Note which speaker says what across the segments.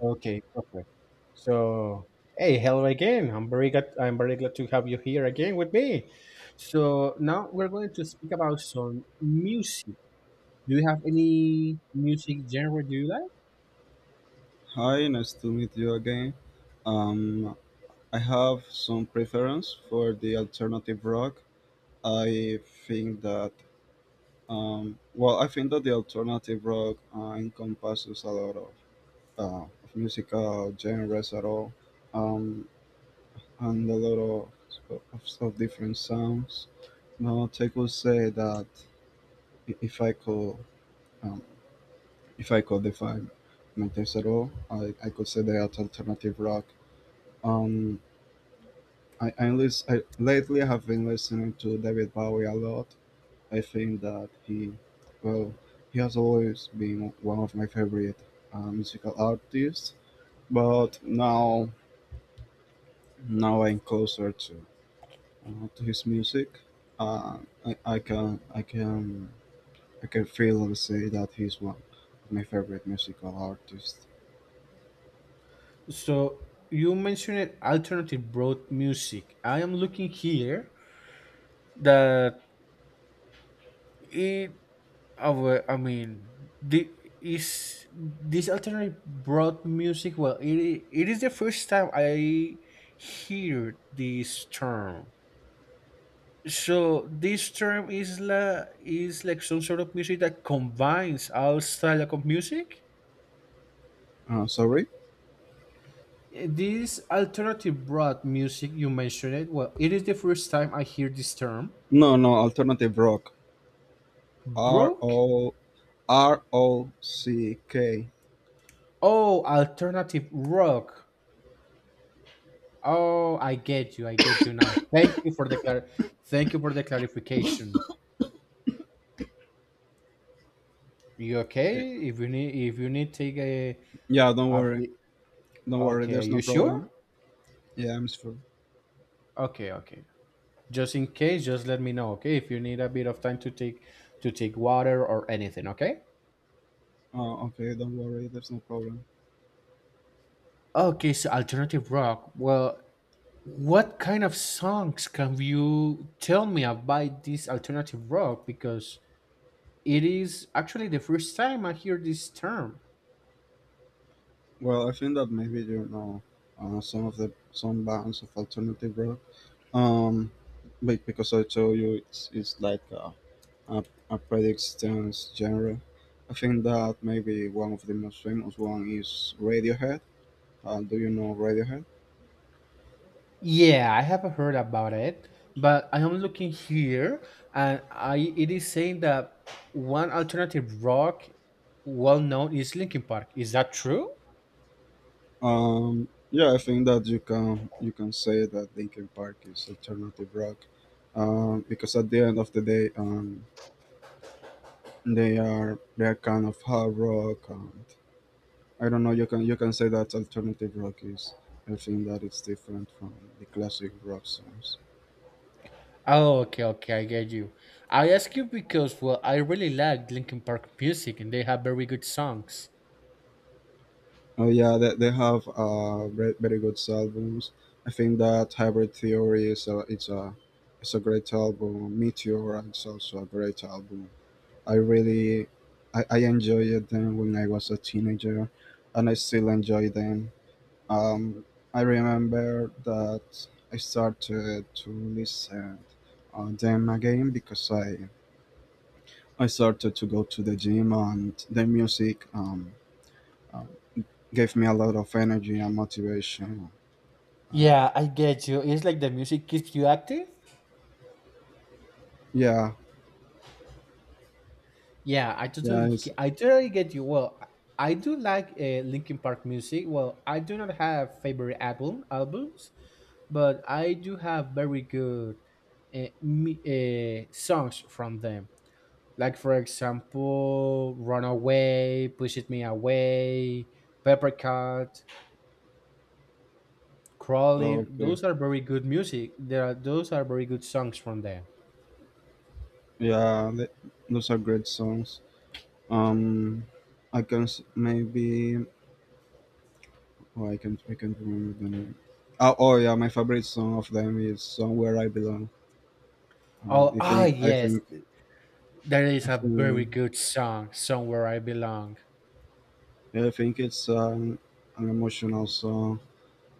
Speaker 1: Okay, perfect. So, hey, hello again. I'm very glad to have you here again with me. So now we're going to speak about some music. Do you have any music genre do you like?
Speaker 2: Hi, nice to meet you again. Um, I have some preference for the alternative rock. I think that, I think that the alternative rock encompasses a lot of musical genres at all, um, and a lot of different sounds. Now, I could say that i- if I could, um, if I could define my taste at all, I could say that alternative rock. Um, I lately have been listening to David Bowie a lot. I think that well, he has always been one of my favorite musical artists. But now I'm closer to his music. Uh, I, I can I can I can feel and say that he's one of my favorite musical artists.
Speaker 1: So you mentioned alternative broad music. I am looking here that it our I mean the is this alternative broad music? Well, it is the first time I hear this term. So this term is like some sort of music that combines all style of music.
Speaker 2: Sorry,
Speaker 1: This alternative broad music you mentioned it. Well, it is the first time I hear this term.
Speaker 2: no, no, alternative rock. R
Speaker 1: Broke?
Speaker 2: O R O C K.
Speaker 1: Oh, alternative rock. Oh, I get you. I get you now. Thank you for the thank you for the clarification. You
Speaker 2: Eh,
Speaker 1: okay? If you need take a,
Speaker 2: Yeah, don't
Speaker 1: a
Speaker 2: worry.
Speaker 1: bit-
Speaker 2: Don't worry,
Speaker 1: okay.
Speaker 2: there's no
Speaker 1: You sure?
Speaker 2: problem. Yeah, I'm sure.
Speaker 1: Okay. Okay. Just in case, just let me know, okay? If you need a bit of time to take water or anything, okay?
Speaker 2: Oh, okay, don't worry, there's no problem.
Speaker 1: Okay, so alternative rock. Well, what kind of songs can you tell me about this alternative rock? Because it is actually the first time I hear this term.
Speaker 2: Well, I think that maybe some bands of alternative rock. Um, but because I told you it's like a, a predictions genre. I think that maybe one of the most famous one is Radiohead. Do you know Radiohead?
Speaker 1: Yeah, I have heard about it, but I am looking here and I it is saying that one alternative rock well known is Linkin Park. Is that true?
Speaker 2: Yeah, I think that you can say that Linkin Park is alternative rock, because at the end of the day, they are kind of hard rock. And I don't know, you can say that alternative rock is. I think that it's different from the classic rock songs.
Speaker 1: Oh, okay, okay, I get you. I ask you because, well, I really like Linkin Park music and they have very good songs.
Speaker 2: Oh yeah, they have very, very good albums. I think that Hybrid Theory is a great album. Meteor is also a great album. I really I enjoyed them when I was a teenager, and I still enjoy them. Um, I remember that I started to listen on them again because I started to go to the gym, and the music um, gave me a lot of energy and motivation. Uh,
Speaker 1: Yeah, I get you. It's like the music keeps you active.
Speaker 2: yeah,
Speaker 1: Yeah, I
Speaker 2: yeah,
Speaker 1: totally, ge-
Speaker 2: it's
Speaker 1: I totally get you. Well, I do like Linkin Park music. Well, I do not have favorite albums, but I do have very good songs from them. Like for example, "Runaway," "Pushes Me Away," "Paper Cut." Crawley,
Speaker 2: okay.
Speaker 1: those are very good music. There are those are very good songs from them.
Speaker 2: Yeah, those are great songs. Um, I can s- maybe Oh, I can't remember the name. Oh yeah, my favorite song of them is "Somewhere I Belong." Uh,
Speaker 1: Oh,
Speaker 2: I
Speaker 1: ah,
Speaker 2: think I
Speaker 1: yes,
Speaker 2: think
Speaker 1: there is
Speaker 2: I
Speaker 1: a very
Speaker 2: think,
Speaker 1: good song, "Somewhere I Belong."
Speaker 2: I think it's an emotional song,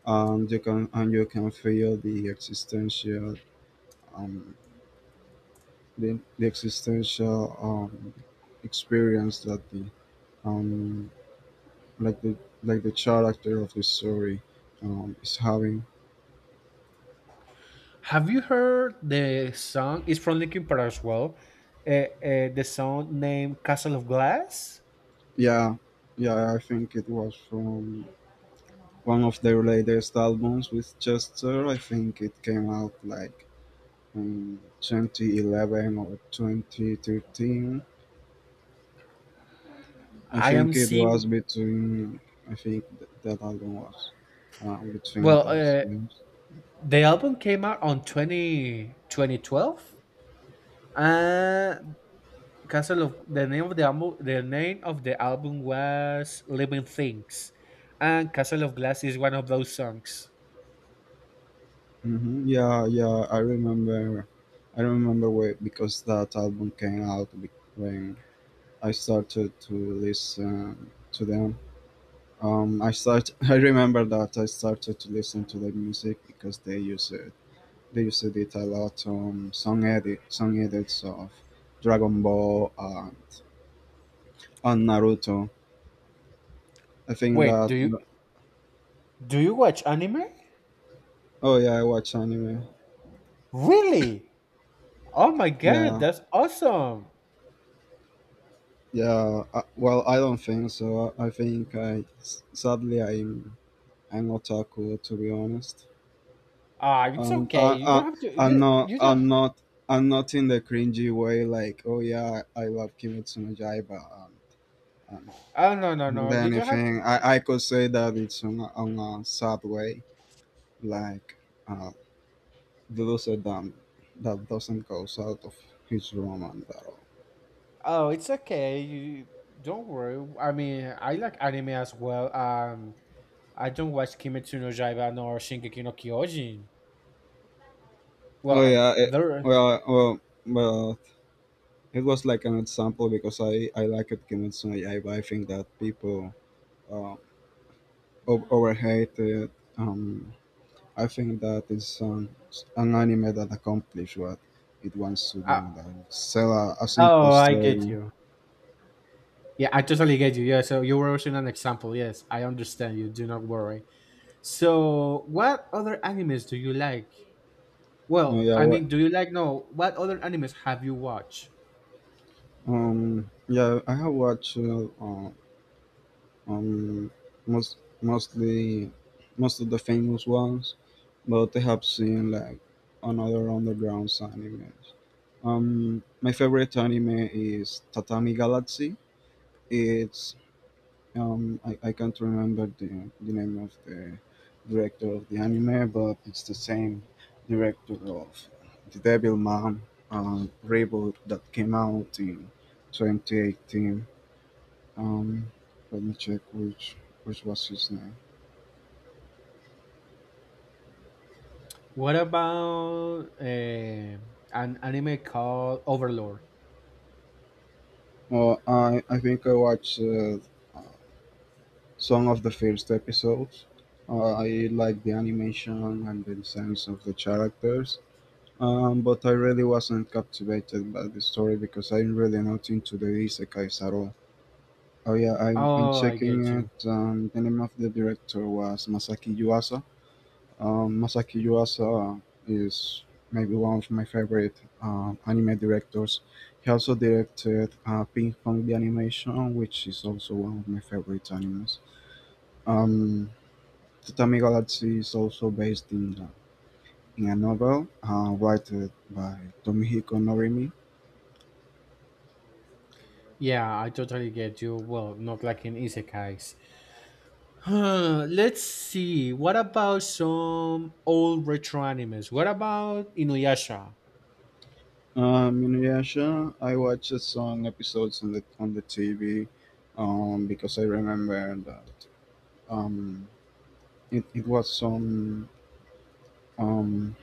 Speaker 2: and you can feel the existential, um, the existential experience that the um, like the like the character of the story, is having.
Speaker 1: Have you heard the song? It's from Linkin Park as well. The song named "Castle of Glass."
Speaker 2: Yeah, yeah, I think it was from one of their latest albums with Chester. I think it came out like in 2011 or 2013. I
Speaker 1: I am
Speaker 2: think it was
Speaker 1: seeing.
Speaker 2: between. That album was between
Speaker 1: Well,
Speaker 2: those years.
Speaker 1: the album came out on twenty twenty twelve. 2012. Castle of the name of the album the name of the album was Living Things, and Castle of Glass is one of those songs.
Speaker 2: Hmm, yeah, yeah. I remember. I remember where, because that album came out when I started to listen to them. I start. I remember that I started to listen to their music because they use it. They used it a lot on song edits of Dragon Ball, and Naruto. I think
Speaker 1: Wait, do
Speaker 2: that.
Speaker 1: you do you watch anime?
Speaker 2: Oh yeah, I watch anime.
Speaker 1: Really? Oh my god,
Speaker 2: Yeah,
Speaker 1: that's awesome!
Speaker 2: yeah. Well, I don't think so. I think I s- Sadly I'm otaku to be honest.
Speaker 1: Ah, it's okay. You
Speaker 2: I,
Speaker 1: don't have to.
Speaker 2: I'm
Speaker 1: You
Speaker 2: not
Speaker 1: you don't.
Speaker 2: I'm not I'm not in the cringy way like oh yeah I love Kimetsu no Yaiba um,
Speaker 1: Oh, no, no, no!
Speaker 2: and
Speaker 1: You don't have.
Speaker 2: anything. I could say that it's on a sad way, like uh, the loser dam that doesn't goes out of his room and that all.
Speaker 1: Oh, it's okay. You don't worry. I mean, I like anime as well. I don't watch Kimetsu no Yaiba nor Shingeki no Kyojin. Well,
Speaker 2: Oh yeah. It,
Speaker 1: there.
Speaker 2: well, well, well. It was like an example because I like it Kimetsu no Yaiba. I think that people, uh, overhate it. Um, I think that it's, an anime that accomplished what it wants to do,
Speaker 1: I,
Speaker 2: like sell a simple
Speaker 1: Oh, I get
Speaker 2: story.
Speaker 1: you. Yeah, I totally get you. Yeah, so you were using an example. Yes, I understand you. Do not worry. So, what other animes do you like?
Speaker 2: Uh,
Speaker 1: Well,
Speaker 2: yeah,
Speaker 1: I
Speaker 2: what,
Speaker 1: mean, do you like? No, what other animes have you watched?
Speaker 2: yeah, I have watched, um, most mostly most of the famous ones, but I have seen like another underground animes. My favorite anime is Tatami Galaxy. It's I can't remember the name of the director of the anime, but it's the same director of the Devil Man reboot that came out in 2018. Um, Let me check which was his name.
Speaker 1: What about an anime called Overlord?
Speaker 2: Oh, I think I watched, some of the first episodes. I like the animation and the designs of the characters, but I really wasn't captivated by the story because I'm really not into the isekais at all. Oh yeah, I'm
Speaker 1: Oh, I get
Speaker 2: checking
Speaker 1: you.
Speaker 2: it. The name of the director was Masaki Yuasa. Masaki Yuasa is maybe one of my favorite anime directors. He also directed, Ping Pong the Animation, which is also one of my favorite animes. Um, Tatami Galaxy is also based in a novel written by Tomihiko Norimi.
Speaker 1: Yeah, I totally get you. Well, not like in isekais. Huh, let's see. What about some old retro animes? What about Inuyasha?
Speaker 2: Inuyasha, I watched some episodes on the TV, because I remember that, um, it was some. Um,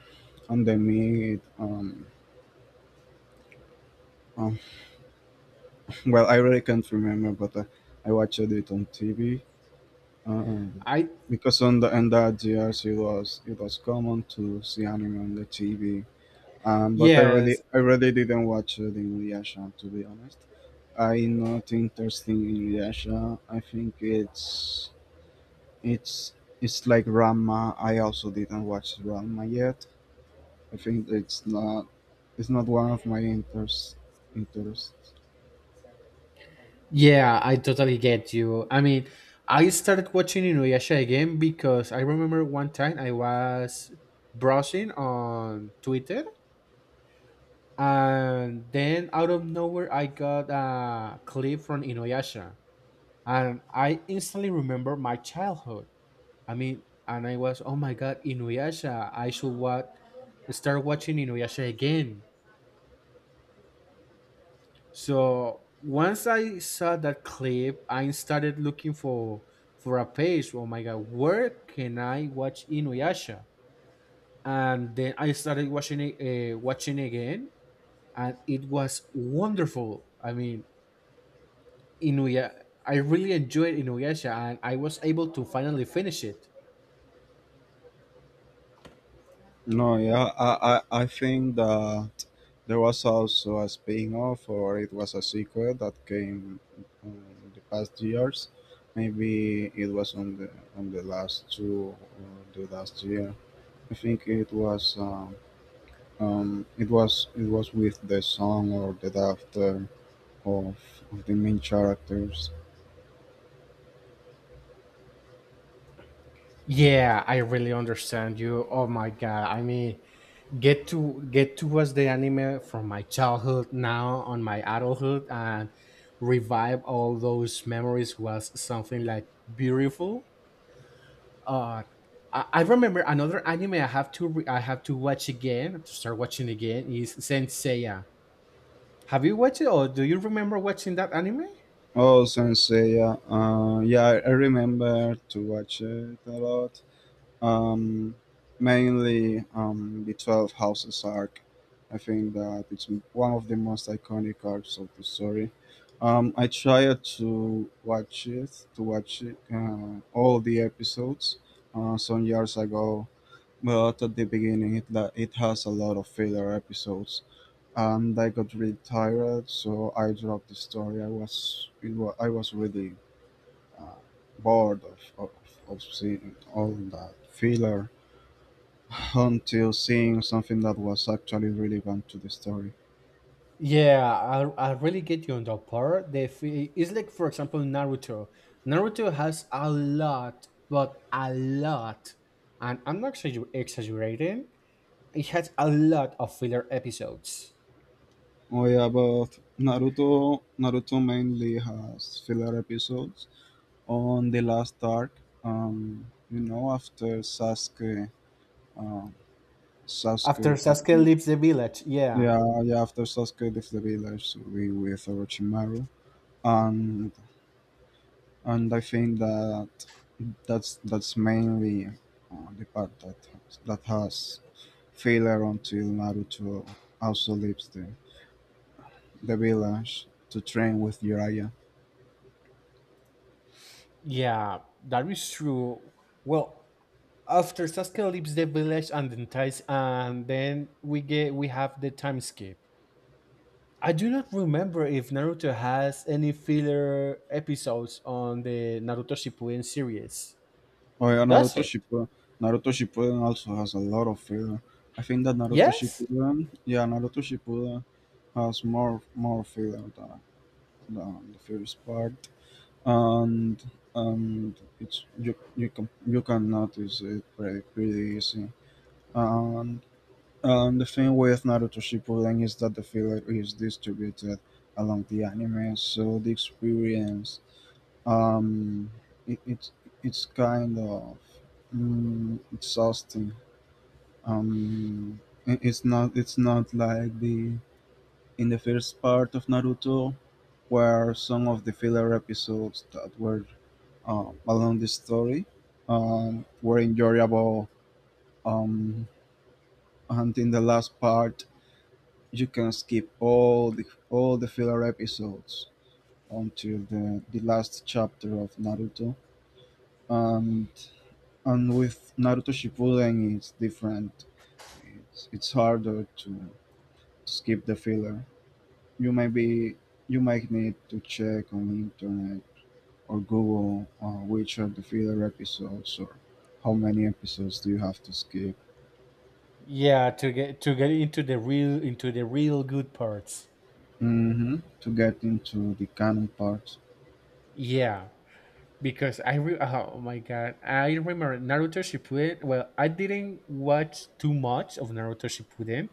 Speaker 2: and they made um well, I really can't remember, but I watched it on tv, uh,
Speaker 1: I
Speaker 2: because on the in that years it was common to see anime on the tv. But i really
Speaker 1: Yes.
Speaker 2: i really didn't watch it in reaction to be honest. I'm not interested in Inuyasha. I think it's it's like Rama. I also didn't watch Rama yet. I think it's not one of my interests. Interest.
Speaker 1: Yeah, I totally get you. I mean, I started watching Inuyasha again because I remember one time I was browsing on Twitter and then out of nowhere I got a clip from Inuyasha and I instantly remember my childhood. I mean, and I was, oh my god, Inuyasha, I should what start watching Inuyasha again. So once I saw that clip, I started looking for a page. Oh my god, where can I watch Inuyasha? And then I started watching it, watching again, and it was wonderful. I mean, Inuya, I really enjoyed Inuyasha, and I was able to finally finish it.
Speaker 2: No, yeah, I think that there was also a spin-off, or it was a sequel that came in the past years. Maybe it was on the last two, or the last year. I think it was, it was with the song or the daughter of, of the main characters.
Speaker 1: Yeah, I really understand you. Oh my god, I mean, get to watch the anime from my childhood now on my adulthood and revive all those memories was something like beautiful. Uh I I remember another anime I have to I have to watch again to start watching again is Saint Seiya. Have you watched it or do you remember watching that anime?
Speaker 2: Oh, Sensei, yeah, yeah, I remember to watch it a lot. Um, Mainly, the 12 Houses arc. I think that it's one of the most iconic arcs of the story. I tried to watch it, all the episodes, some years ago, but at the beginning it has a lot of filler episodes, and I got really tired, so I dropped the story. I was really, uh, bored of seeing all that filler until seeing something that was actually relevant to the story.
Speaker 1: Yeah, I really get you on that part. It's like for example Naruto. Naruto has a lot, but a lot, and I'm not exaggerating. It has a lot of filler episodes.
Speaker 2: Oh yeah, but Naruto mainly has filler episodes on the last arc. After uh,
Speaker 1: After
Speaker 2: Sasuke,
Speaker 1: Sasuke
Speaker 2: um,
Speaker 1: leaves the village, yeah.
Speaker 2: yeah, yeah, after Sasuke left the village to be with Orochimaru. And I think that that's mainly the part that has filler until Naruto also leaves the village to train with Jiraiya.
Speaker 1: Yeah, that is true. Well, after Sasuke leaves the village and then ties, and then we have the time skip. I do not remember if Naruto has any filler episodes on the Naruto Shippuden series.
Speaker 2: Oh yeah,
Speaker 1: Does
Speaker 2: Naruto
Speaker 1: it?
Speaker 2: Shippuden. Naruto Shippuden also has a lot of filler. I think that Naruto
Speaker 1: Yes.
Speaker 2: Shippuden, yeah, Naruto Shippuden has more filler than the first part. and and it's you you can notice it pretty pretty easy. And the thing with Naruto Shippuden is that the filler is distributed along the anime, so the experience, Um, it, it it's kind of, exhausting. Um, it's not like the in the first part of Naruto, where some of the filler episodes that were, along the story, were enjoyable. Um, and in the last part, you can skip all the filler episodes until the last chapter of Naruto. Um, and with Naruto Shippuden, it's different. It's harder to skip the filler. You may be You might need to check on the internet, or Google, which are the filler episodes, or how many episodes do you have to skip.
Speaker 1: Yeah, to get into the real good parts.
Speaker 2: Hmm, to get into the canon part.
Speaker 1: Yeah, because oh my god, I remember Naruto Shippuden. Well, I didn't watch too much of Naruto Shippuden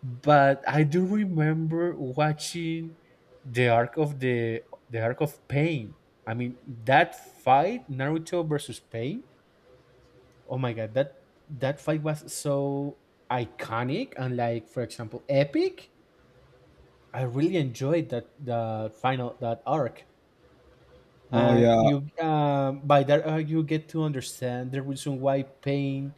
Speaker 1: but I do remember watching the arc of the arc of Pain. I mean that fight, Naruto versus Pain. Oh my god, that fight was so iconic and like for example epic. I really enjoyed that the final that arc.
Speaker 2: Oh
Speaker 1: And
Speaker 2: yeah,
Speaker 1: you by that arc you get to understand the reason why Pain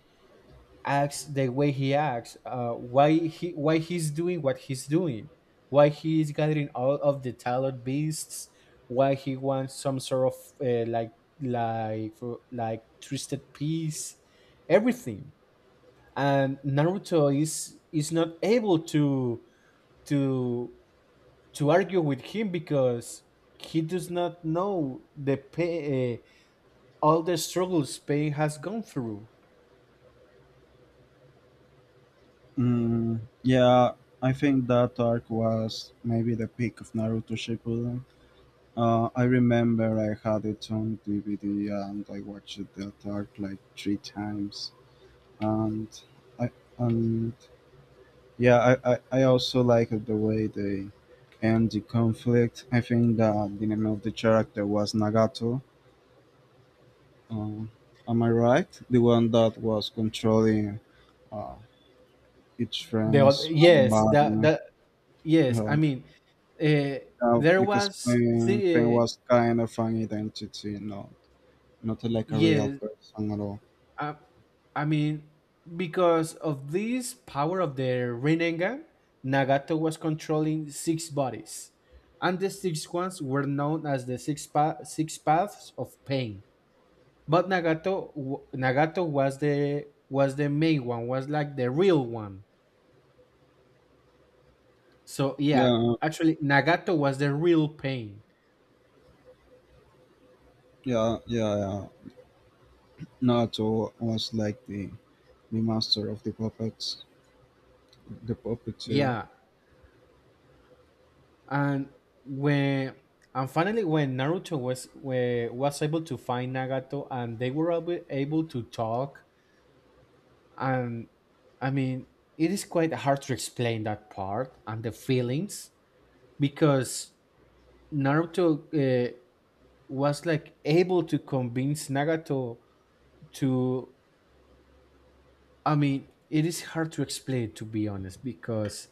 Speaker 1: acts the way he acts, why he's doing what he's doing, why he is gathering all of the talent beasts, why he wants some sort of uh, like like like twisted peace, everything. And Naruto is not able to to argue with him because he does not know the pain, all the struggles Pain has gone through.
Speaker 2: mm, yeah. I think that arc was maybe the peak of Naruto Shippuden. I remember I had it on DVD, and I watched that arc like three times. And I and Yeah, I also liked the way they end the conflict. I think that the name of the character was Nagato. Uh, am I right? The one that was controlling, uh, each friend's,
Speaker 1: Yes, that,
Speaker 2: body.
Speaker 1: that yes, I
Speaker 2: Uh,
Speaker 1: mean, uh, there
Speaker 2: because
Speaker 1: was
Speaker 2: Pain
Speaker 1: the
Speaker 2: was kind of an identity, not not like a real
Speaker 1: yes,
Speaker 2: person at all.
Speaker 1: uh, I mean because of this power of the Rinnegan, Nagato was controlling six bodies, and the six ones were known as the six paths of Pain. But Nagato was the main one, was like the real one. So yeah,
Speaker 2: Yeah,
Speaker 1: actually Nagato was the real Pain.
Speaker 2: yeah, yeah, yeah. Naruto was like the master of the puppets, the puppeteer.
Speaker 1: Yeah, and when and finally when Naruto was able to find Nagato and they were able to talk, and I mean it is quite hard to explain that part and the feelings, because Naruto uh, was like able to convince Nagato to, I mean it is hard to explain to be honest, because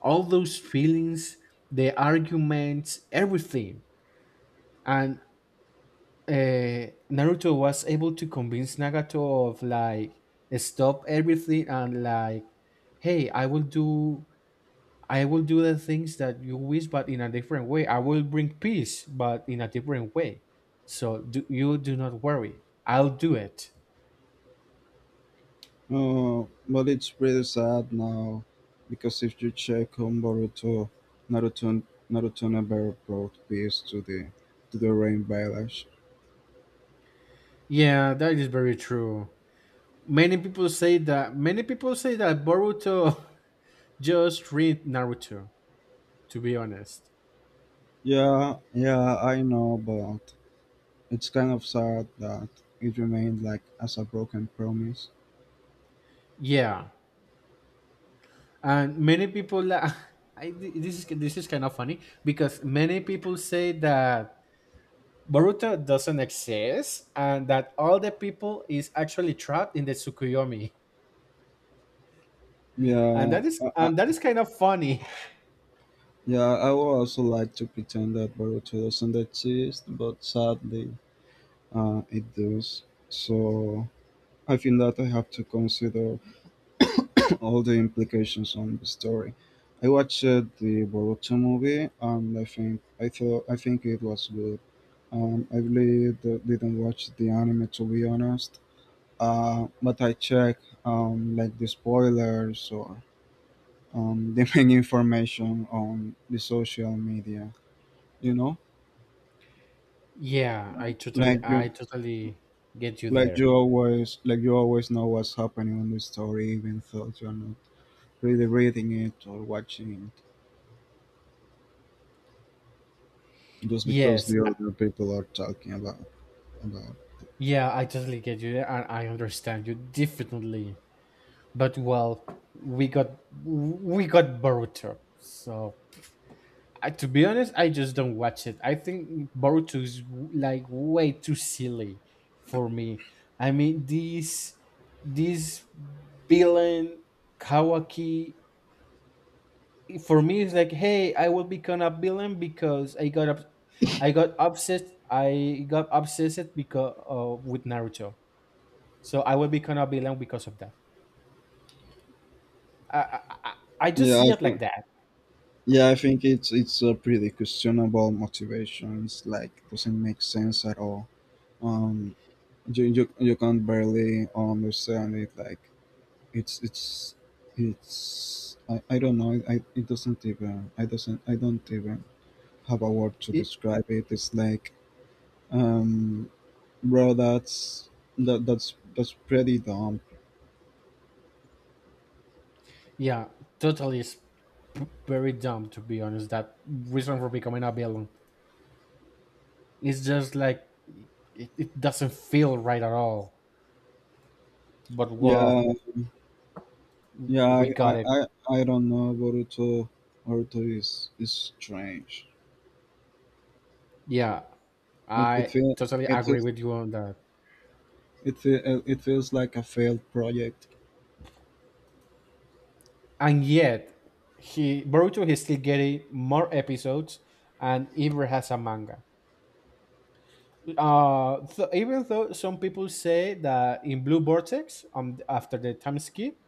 Speaker 1: all those feelings, the arguments, everything, and uh, Naruto was able to convince Nagato of like stop everything and like, hey, I will do the things that you wish, but in a different way. I will bring peace, but in a different way. So do, you do not worry. I'll do it.
Speaker 2: Oh, but it's pretty sad now, because if you check on Boruto, Naruto, Naruto never brought peace to the rain village.
Speaker 1: Yeah, that is very true. Many people say that. Many people say that Boruto just read Naruto. To be honest,
Speaker 2: Yeah, yeah, I know, but it's kind of sad that it remained like as a broken promise.
Speaker 1: yeah, and many people I, this is kind of funny because many people say that Boruto doesn't exist and that all the people is actually trapped in the Tsukuyomi,
Speaker 2: Yeah,
Speaker 1: and that is kind of funny.
Speaker 2: yeah, I would also like to pretend that Boruto doesn't exist, but sadly. It does. So I think that I have to consider all the implications on the story. I watched, the Boruto movie, and I think it was good. I really didn't watch the anime, to be honest, but I checked like the spoilers or the main information on the social media. You know,
Speaker 1: Yeah, I totally
Speaker 2: like
Speaker 1: I
Speaker 2: you
Speaker 1: totally get you there.
Speaker 2: like you always know what's happening on the story, even though you're not really reading it or watching it, just because
Speaker 1: Yes,
Speaker 2: the other people are talking about.
Speaker 1: yeah, I totally get you there and I understand you definitely. But well, we got we got Boruto, so I, to be honest, I just don't watch it. I think Boruto is like way too silly for me. I mean, this villain Kawaki for me is like, hey, I will become a villain because I got up, I got obsessed because with Naruto. So I will become a villain because of that. I I, I I just
Speaker 2: Yeah,
Speaker 1: see
Speaker 2: I
Speaker 1: it like
Speaker 2: think
Speaker 1: that.
Speaker 2: yeah, I think it's a pretty questionable motivation. It's like doesn't make sense at all. Um, you can barely understand it. Like it's it's it's I don't know. It doesn't even I doesn't I don't even have a word to describe it. It's like um, bro, that's pretty dumb.
Speaker 1: Yeah, totally. It's very dumb to be honest. That reason for becoming a villain. It's just like it doesn't feel right at all. But
Speaker 2: Yeah,
Speaker 1: well,
Speaker 2: Yeah, I,
Speaker 1: we got
Speaker 2: I,
Speaker 1: it.
Speaker 2: I, I don't know. Boruto is strange.
Speaker 1: Yeah,
Speaker 2: It it
Speaker 1: I
Speaker 2: feels
Speaker 1: totally
Speaker 2: it
Speaker 1: agree
Speaker 2: feels
Speaker 1: with you on that.
Speaker 2: it feels like a failed project
Speaker 1: And yet, he Boruto is still getting more episodes, and even has a manga. Even though some people say that in Blue Vortex, after the time skip,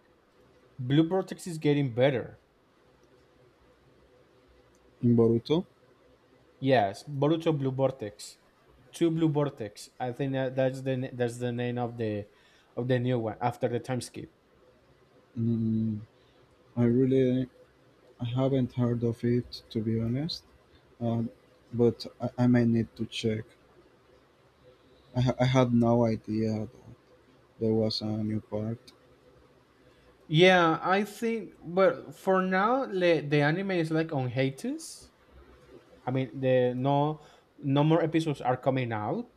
Speaker 1: Blue Vortex is getting better.
Speaker 2: in Boruto.
Speaker 1: Yes, Boruto Blue Vortex, Two Blue Vortex. I think that that's the name of the new one after the time skip.
Speaker 2: Mm, I really I haven't heard of it, to be honest, uh, but I may need to check. I had no idea that there was a new part.
Speaker 1: Yeah, I think. But for now, the anime is like on hiatus. I mean, the no no more episodes are coming out.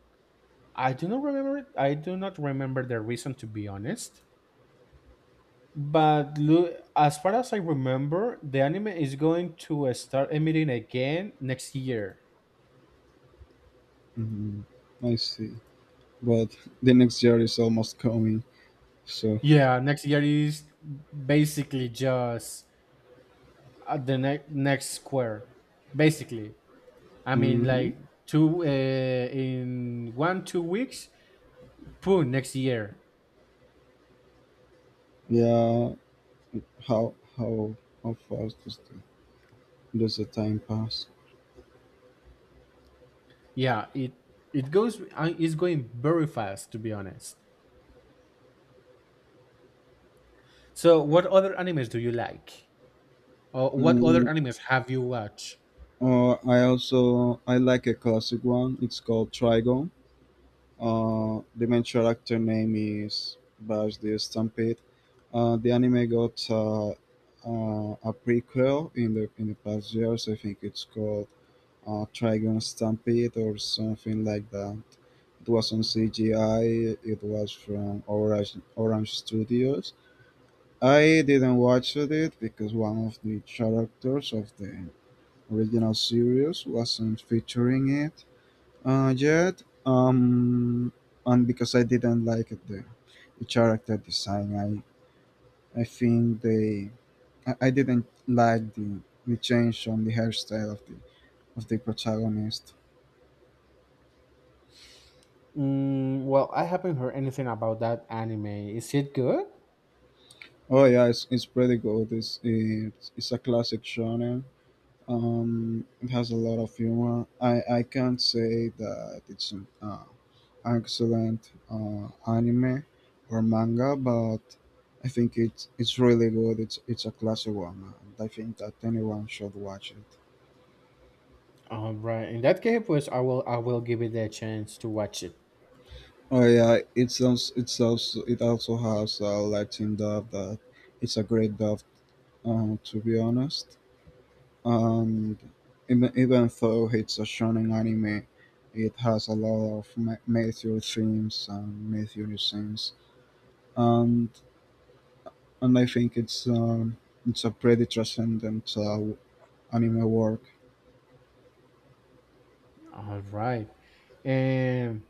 Speaker 1: I do not remember. I do not remember the reason to be honest. As far as I remember, the anime is going to start emitting again next year.
Speaker 2: Mm, I see, but the next year is almost coming, so
Speaker 1: Yeah, next year is basically just at the next square. Basically, I mean,
Speaker 2: mhm.
Speaker 1: like two in one 2 weeks. Boom, next year.
Speaker 2: Yeah, How how how fast does does the time pass?
Speaker 1: Yeah, it goes. It's going very fast, to be honest. So, what other animes do you like, or what other
Speaker 2: Mm,
Speaker 1: animes have you watched?
Speaker 2: or I also I like a classic one. It's called Trigon. The main character name is Bash the Stampede. The anime got a prequel in the past years. I think it's called Trigon Stampede or something like that. It was on CGI. It was from Orange Studios. I didn't watch it because one of the characters of the original series wasn't featuring it yet, and because I didn't like the character design. I think they I didn't like the change on the hairstyle of the protagonist.
Speaker 1: Mm, well, I haven't heard anything about that anime. Is it good?
Speaker 2: Oh yeah, it's pretty good. It's a classic shonen. It has a lot of humor. I can't say that it's an excellent anime or manga, but I think it's really good. It's a classic one, and I think that anyone should watch it.
Speaker 1: All right. In that case, pues I will give it a chance to watch it.
Speaker 2: Oh yeah, it also has a Latin dub that it's a great dub. To be honest. And even though it's a shonen anime, it has a lot of major themes and major scenes, and I think it's a pretty transcendent anime work.
Speaker 1: All right. And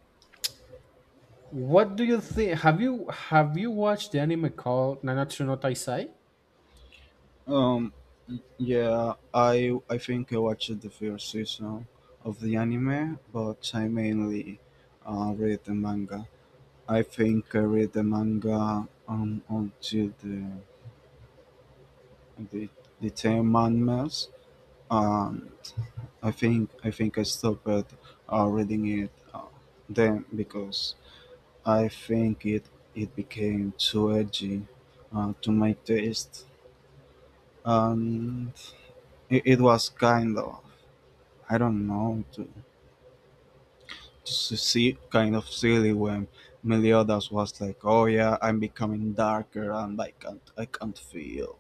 Speaker 1: what do you think? Have you watched the anime called Nanatsu no Taisai?
Speaker 2: Um, yeah, I think I watched the first season of the anime, but I mainly read the manga. I think I read the manga until the the ten mangas. um, I think I stopped reading it then because I think it became too edgy, to my taste, and it was kind of, I don't know, to see, kind of silly when Meliodas was like, "Oh yeah, I'm becoming darker and I can't feel,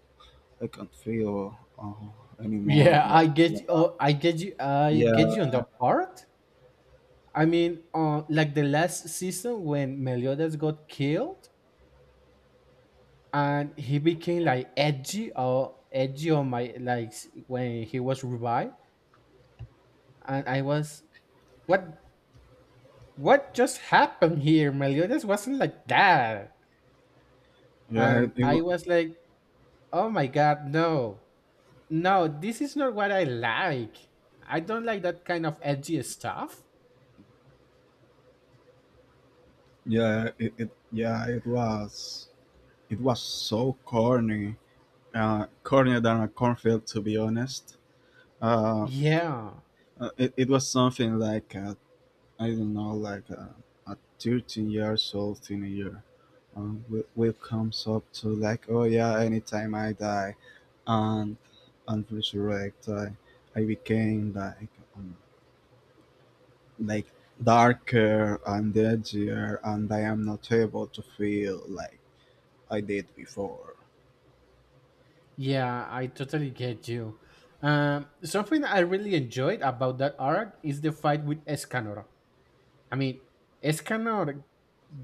Speaker 2: I can't feel anymore."
Speaker 1: Yeah,
Speaker 2: Blah blah.
Speaker 1: I get
Speaker 2: Yeah,
Speaker 1: you on that part. I mean, like the last season when Meliodas got killed and he became like edgy or edgy on my like s- when he was revived, and I was what what just happened here? Meliodas wasn't like that,
Speaker 2: yeah. It,
Speaker 1: and
Speaker 2: it
Speaker 1: I was like, oh my god, no. No, this is not what I like. I don't like that kind of edgy stuff.
Speaker 2: Yeah, it yeah it was so corny, cornier than a cornfield, to be honest. Uh,
Speaker 1: Yeah,
Speaker 2: it was something like, I don't know, like a 13 years old teenager, will comes up to like, oh yeah, anytime I die, and resurrect, I became um, like darker and edgier, and I am not able to feel like I did before.
Speaker 1: yeah, I totally get you. Something I really enjoyed about that arc is the fight with Escanor. I mean, Escanor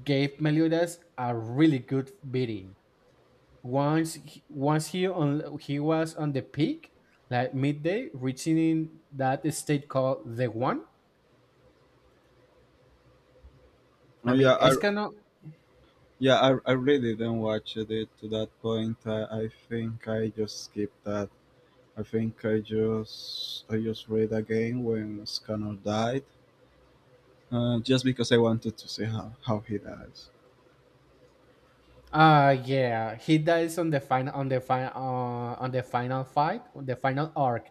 Speaker 1: gave Meliodas a really good beating. Once, he was on the peak, like midday, reaching in that state called the One. I
Speaker 2: Oh
Speaker 1: mean,
Speaker 2: yeah, I
Speaker 1: Escanor
Speaker 2: yeah, I really didn't watch it to that point. I think I just skipped that. I think I just read again when Scanner died, just because I wanted to see how he dies.
Speaker 1: uh yeah, he dies on the final on the final fight, on the final arc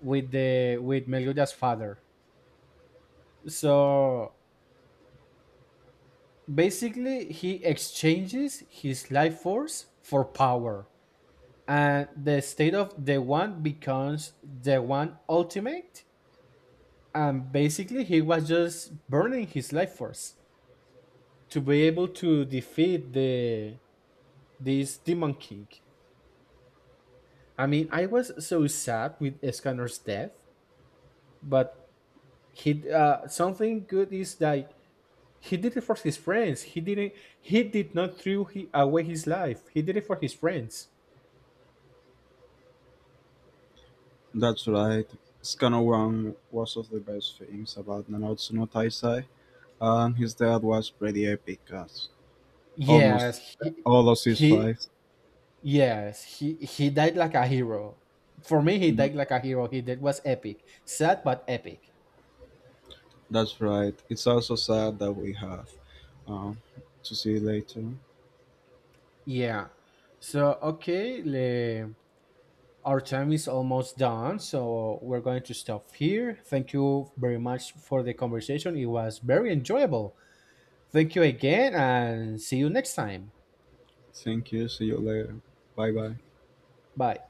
Speaker 1: with the with Meliodas' father. So basically, he exchanges his life force for power, and the state of the one becomes the one ultimate. And basically, he was just burning his life force to be able to defeat the this demon king. I mean, I was so sad with Escanor's death, but he something good is that he did it for his friends. He didn't. He did not throw away his life. He did it for his friends.
Speaker 2: That's right. Scanner One was of the best things about Nanatsu no Taisai, and his death was pretty epic as almost
Speaker 1: Yes,
Speaker 2: all of his
Speaker 1: he
Speaker 2: fights.
Speaker 1: yes, he died like a hero. For me, he died like a hero. He did was epic, sad but epic.
Speaker 2: That's right. It's also sad that we have um, to see you later.
Speaker 1: Yeah. So okay, our time is almost done. So we're going to stop here. Thank you very much for the conversation. It was very enjoyable. Thank you again and see you next time.
Speaker 2: Thank you. See you later. Bye bye.
Speaker 1: Bye.